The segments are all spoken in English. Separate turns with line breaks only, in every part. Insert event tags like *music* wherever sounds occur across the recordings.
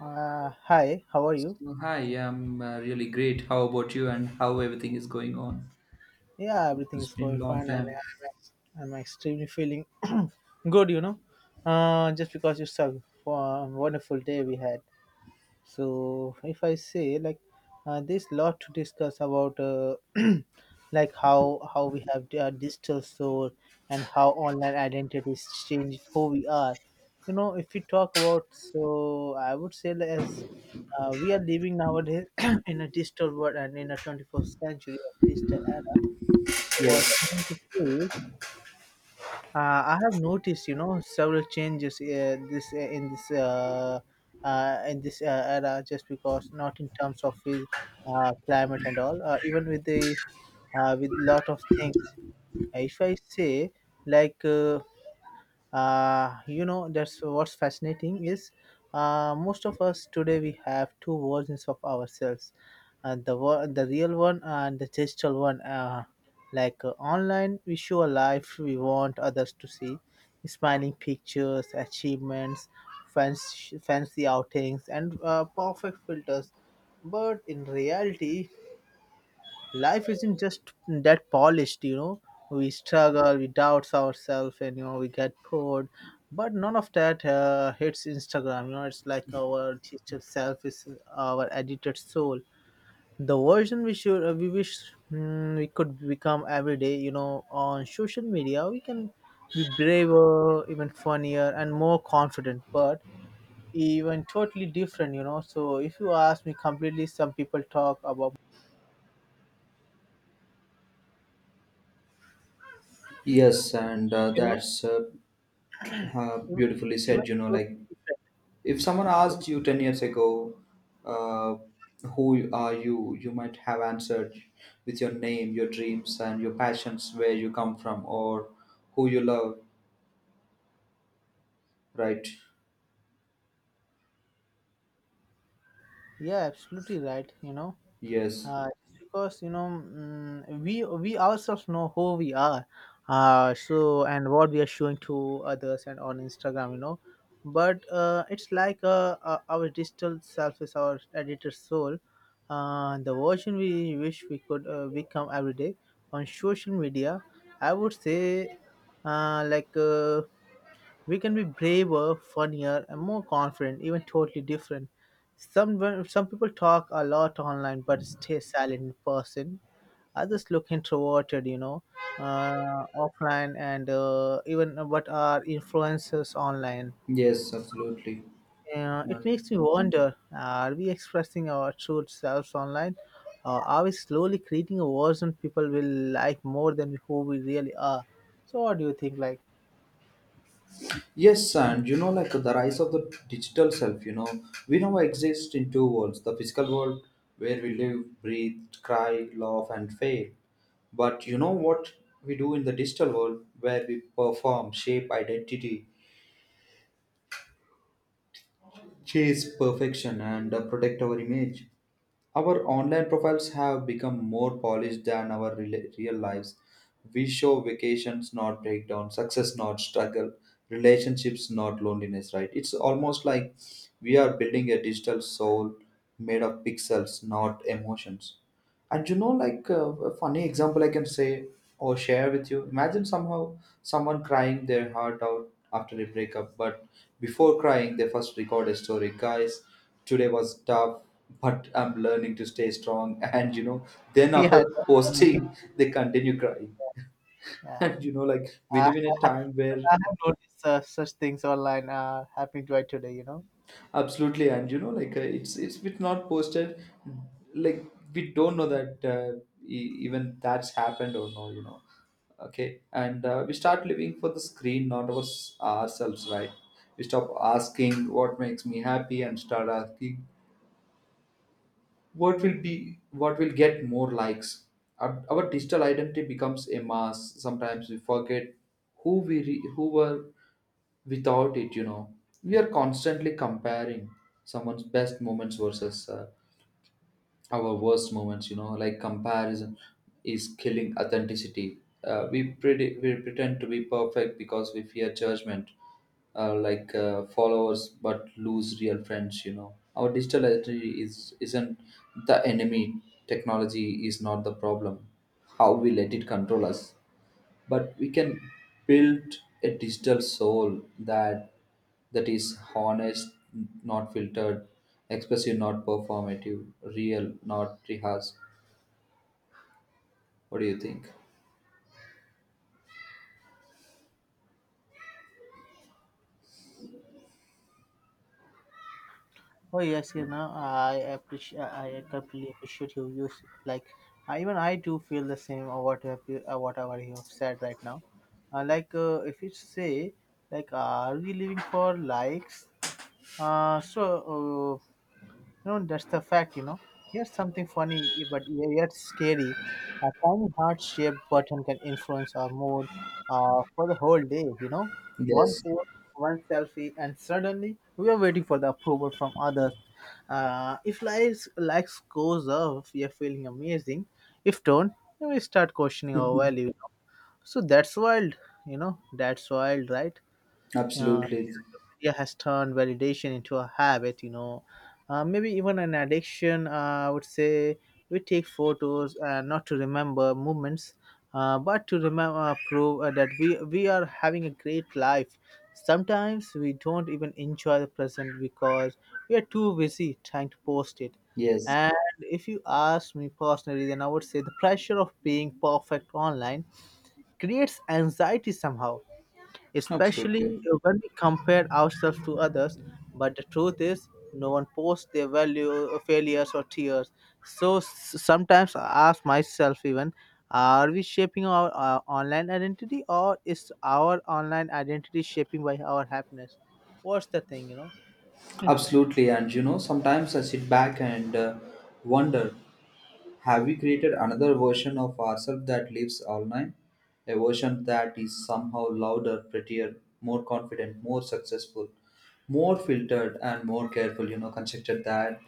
Hi, how are you?
So, hi, I'm really great. How about you and how everything is going on?
Yeah, everything
It's
is
been a
going
long
fine, and
time.
I'm extremely feeling *clears throat* good, just because you suck for a wonderful day we had. So if I say there's lot to discuss about *clears throat* like how we have our digital soul and how online identities change who we are. You know, if we talk about so I would say like as we are living nowadays *clears throat* in a digital world and in a 21st century of digital era. So what I want
Yes,
to say, I have noticed, you know, several changes this in this in this era, just because not in terms of his climate and all, even with the with lot of things. If I say like, you know that's what's fascinating is most of us today we have two versions of ourselves, the real one and the digital one, online we show a life we want others to see, smiling pictures, achievements, fancy outings, and perfect filters. But in reality, life isn't just that polished, you know. We struggle, we doubt ourselves, and you know, we get bored, but none of that hits Instagram. You know, it's like our digital self is our edited soul, the version we should we wish we could become every day. You know, on social media we can be braver, even funnier, and more confident, but even totally different, you know. So if you ask me completely, some people talk about,
yes, and
you know,
that's
Even,
beautifully
even
said. You know,
totally
like
different.
if someone asked you 10 years ago, uh, who are you, you might have answered with your name, your dreams, and your passions, where you come from, or who you love, right?
Yeah, absolutely right. You know,
Yes,
just because, you know, we ourselves know who we are, so, and what we are showing to others and on Instagram. You know, but it's like our digital self is our editor soul, the version we wish we could become every day on social media. I would say, uh, like. Uh, we can be braver, funnier, and more confident, even totally different. Some people talk a lot online but stay silent in person. Others look introverted, you know, offline, and even what are influencers online.
yes, absolutely.
It
And.
makes me wonder, are we expressing our true selves online? Or are we slowly creating a version people will like more than who we really are? So, what do you think? Like,
Yes, and you know, like the rise of the digital self, you know, we now exist in two worlds, the physical world where we live, breathe, cry, laugh, and fail. But you know what we do in the digital world, where we perform, shape identity, chase perfection, and protect our image. Our online profiles have become more polished than our real lives. We show vacations, not breakdown, success, not struggle, relationships, not loneliness, right? It's almost like we are building a digital soul made of pixels, not emotions. And you know, like a funny example I can say or share with you. Imagine somehow someone crying their heart out after a breakup, but before crying, they first record a story. Guys, today was tough, but I'm learning to stay strong. *laughs* And you know, then
*laughs* yeah,
after
that's funny.
posting, they continue crying. *laughs*
Yeah.
And you know, like we live in a time where
I have noticed such things online happening right today, you know.
absolutely, and you know, like it's bit not posted. Like we don't know that even that's happened or no, you know. Okay, and we start living for the screen, not us ourselves, right? We stop asking what makes me happy and start asking what will get more likes. Our digital identity becomes a mask. Sometimes we forget who were without it. You know, we are constantly comparing someone's best moments versus our worst moments. You know, like comparison is killing authenticity. We pretend to be perfect because we fear judgment, like followers, but lose real friends. You know, our digital identity is isn't the enemy. Technology is not the problem, how we let it control us. But we can build a digital soul that is honest, not filtered, expressive not performative, real not rehearsed. What do you think?
Oh yes, you know, I appreciate, I completely appreciate you. You, like, I, even I do feel the same. Or what have you, whatever you have said right now, if you say, like, are we living for likes? Uh, so uh, You know, that's the fact, you know. Here's something funny but yet scary. A tiny heart-shaped button can influence our mood for the whole day, you know. One
Yes.
post, one selfie, and suddenly we are waiting for the approval from others. If likes goes up, we are feeling amazing. If don't, then we start questioning our
*laughs*
value. So that's wild, you know. That's wild, right? uh,
Absolutely.
Media has turned validation into a habit, you know, maybe even an addiction, I would say. We take photos, not to remember moments, but to remember prove that we are having a great life. Sometimes we don't even enjoy the present because we are too busy trying to post it.
Yes,
And if you ask me personally, then I would say the pressure of being perfect online creates anxiety somehow,
absolutely.
especially when we compare ourselves to others. But the truth is, no one posts their value, failures, or tears. So sometimes I ask myself, even, are we shaping our online identity, or is our online identity shaping by our happiness? What's the thing, you know?
Absolutely. And you know, sometimes I sit back and wonder, have we created another version of ourselves that lives online? A version that is somehow louder, prettier, more confident, more successful, more filtered, and more careful, you know, constructed than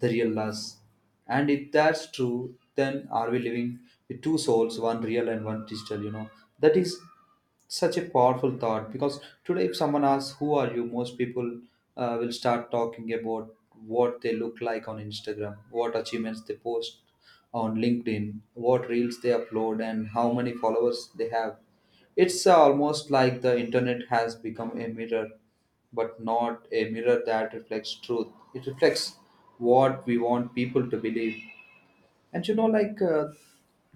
the real us. And if that's true, then are we living with two souls, one real and one digital, you know? That is such a powerful thought, because today if someone asks who are you, most people will start talking about what they look like on Instagram, what achievements they post on LinkedIn, what reels they upload, and how many followers they have. It's almost like the internet has become a mirror, but not a mirror that reflects truth. It reflects what we want people to believe. And you know, like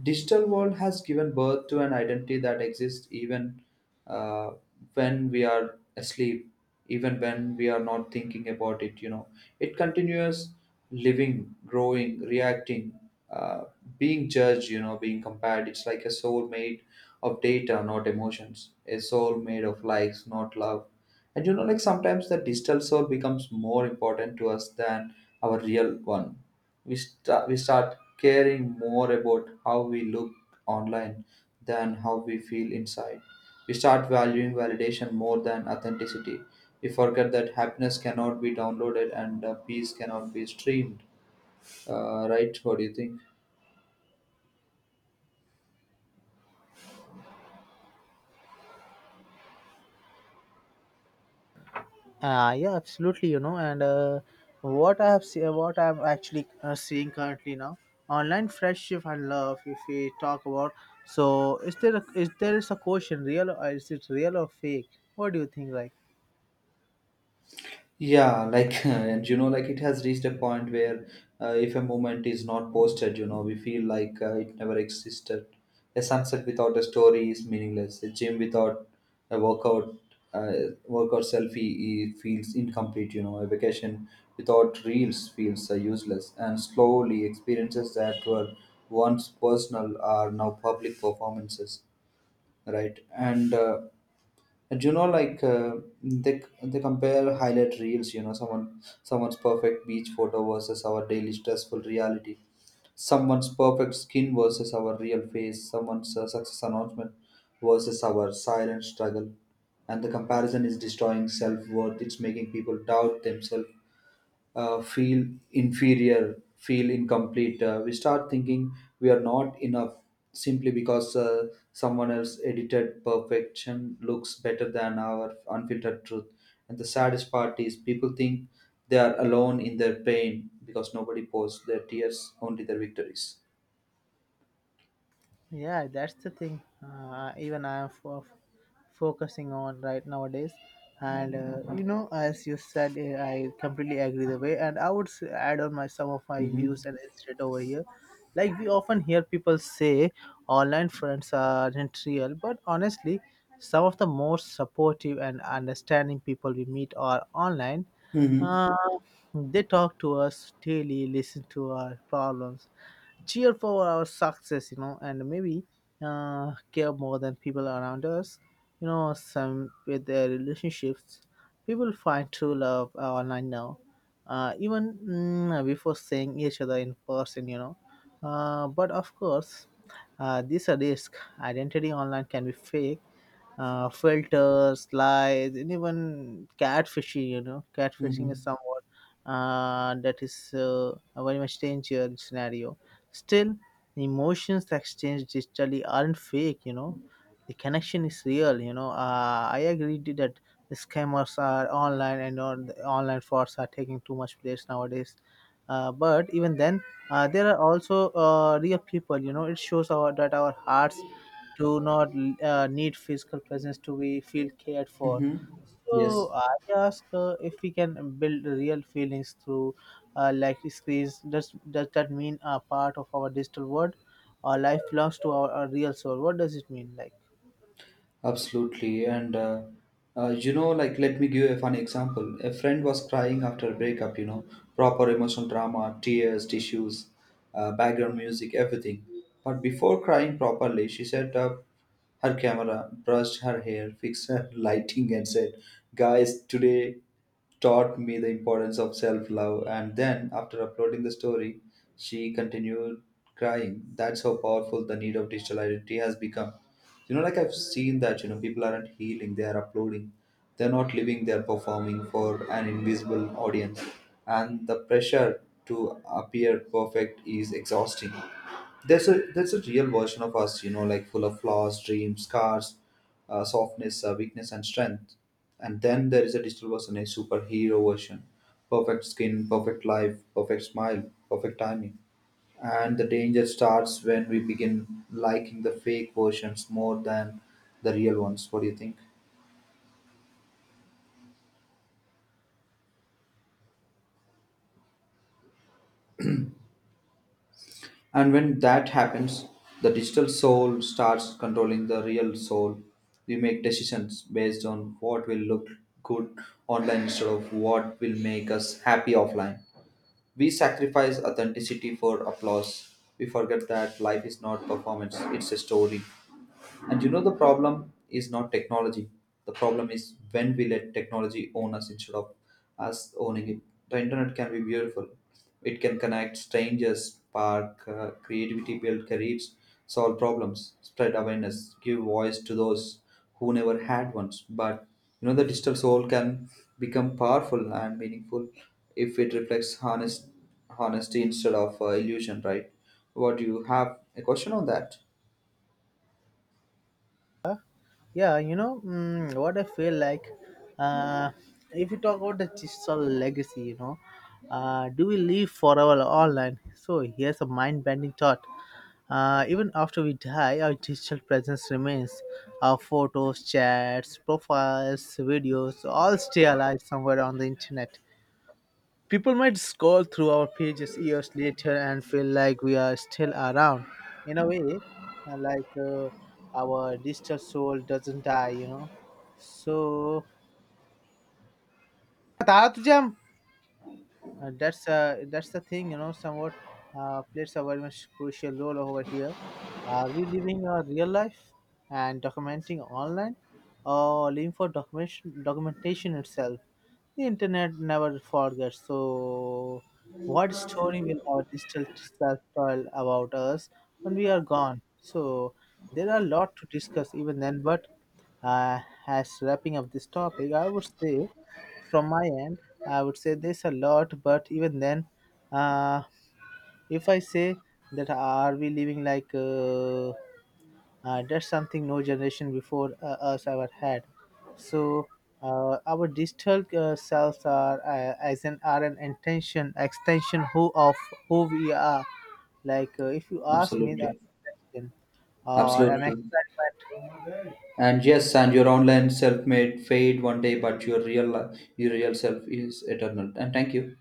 digital world has given birth to an identity that exists even uh, when we are asleep, even when we are not thinking about it. You know, it continues living, growing, reacting, uh, being judged. You know, being compared. It's like a soul made of data, not emotions. A soul made of likes, not love. And you know, like sometimes the digital soul becomes more important to us than our real one. We start caring more about how we look online than how we feel inside. We start valuing validation more than authenticity. We forget that happiness cannot be downloaded, and peace cannot be streamed, right? What do you think?
Yeah, absolutely. You know, and what I'm actually seeing currently now, online friendship and love. If we talk about, so is there a, is there is a question real, or is it real or fake? What do you think, like?
Yeah, like, *laughs* and you know, like it has reached a point where if a moment is not posted, you know, we feel like it never existed. A sunset without a story is meaningless. A gym without a workout, workout selfie, it feels incomplete, you know. A vacation without reels feels useless. And slowly, experiences that were once personal are now public performances, right? And and you know, like uh, they compare highlight reels. You know, someone's perfect beach photo versus our daily stressful reality. Someone's perfect skin versus our real face. Someone's success announcement versus our silent struggle. And the comparison is destroying self worth. It's making people doubt themselves, feel inferior, feel incomplete. We start thinking we are not enough simply because someone else edited perfection looks better than our unfiltered truth. And the saddest part is people think they are alone in their pain, because nobody posts their tears, only their victories.
Yeah, that's the thing. Even I am focusing on right nowadays, and you know, as you said, eh, I completely agree the way. And I would add on my some of my views
Mm-hmm.
and instead over here, like we often hear people say online friends aren't real, but honestly, some of the most supportive and understanding people we meet are online.
Mm-hmm.
Uh, they talk to us daily, listen to our problems, cheer for our success, you know, and maybe care more than people around us. You know, some with their relationships, people find true love online now, even before seeing each other in person, you know. But of course, this a risk. Identity online can be fake, filters, lies, and even catfishing. You know, catfishing
Mm-hmm.
is somewhat that is a very much danger scenario. Still, emotions exchanged digitally aren't fake. You know, the connection is real. You know, I agree to that. The scammers are online and all the online frauds are taking too much place nowadays. But even then, there are also real people. You know, it shows our that our hearts do not need physical presence to be feel cared for.
Mm-hmm.
So
Yes.
I ask, if we can build real feelings through, like, screens. Does that mean a part of our digital world? Our life belongs to our real soul. What does it mean, like?
Absolutely. You know, like, let me give a funny example. A friend was crying after a breakup, you know, proper emotional drama, tears, tissues, background music, everything. But before crying properly, she set up her camera, brushed her hair, fixed her *laughs* lighting, and said, Guys, today taught me the importance of self love. And then, after uploading the story, she continued crying. That's how powerful the need of digital identity has become. You know, like I've seen that. You know, people aren't healing, they are uploading. They're not living, they're performing for an invisible audience. And the pressure to appear perfect is exhausting. There's a real version of us, you know, like full of flaws, dreams, scars, softness, weakness, and strength. And then there is a digital version, a superhero version, perfect skin, perfect life, perfect smile, perfect timing. And the danger starts when we begin liking the fake versions more than the real ones. What do you think? And when that happens, the digital soul starts controlling the real soul. We make decisions based on what will look good online instead of what will make us happy offline. We sacrifice authenticity for applause. We forget that life is not performance, it's a story. And you know, the problem is not technology. The problem is when we let technology own us instead of us owning it. The internet can be beautiful. It can connect strangers, spark creativity, build careers, solve problems, spread awareness, give voice to those who never had one. But you know, the digital soul can become powerful and meaningful if it reflects honesty instead of illusion, right? What do you have a question on that?
Yeah, you know, what I feel like. Uh, if you talk about the digital legacy, you know, do we live forever online? So here's a mind-bending thought. Even after we die, our digital presence remains. Our photos, chats, profiles, videos all stay alive somewhere on the internet. People might scroll through our pages years later and feel like we are still around. In a way, uh, like uh, our digital soul doesn't die, you know. So, Tara Tujam, that's the thing, you know. Somewhat plays a very much crucial role over here. Are we living our real life and documenting online, or living for documentation itself? The internet never forgets. So, what story will our digital self tell about us when we are gone? So, there are a lot to discuss even then. But uh, as wrapping up this topic, I would say, from my end, I would say there's a lot. But even then, uh, if I say that, are we living like, that's something no generation before us ever had. So our digital selves are as an are an intention extension who of who we are. Like, if you ask me, the
Absolutely.
extension or an
Absolutely.
experiment
And yes, and your online self may fade one day, but your your real self is eternal. And thank you.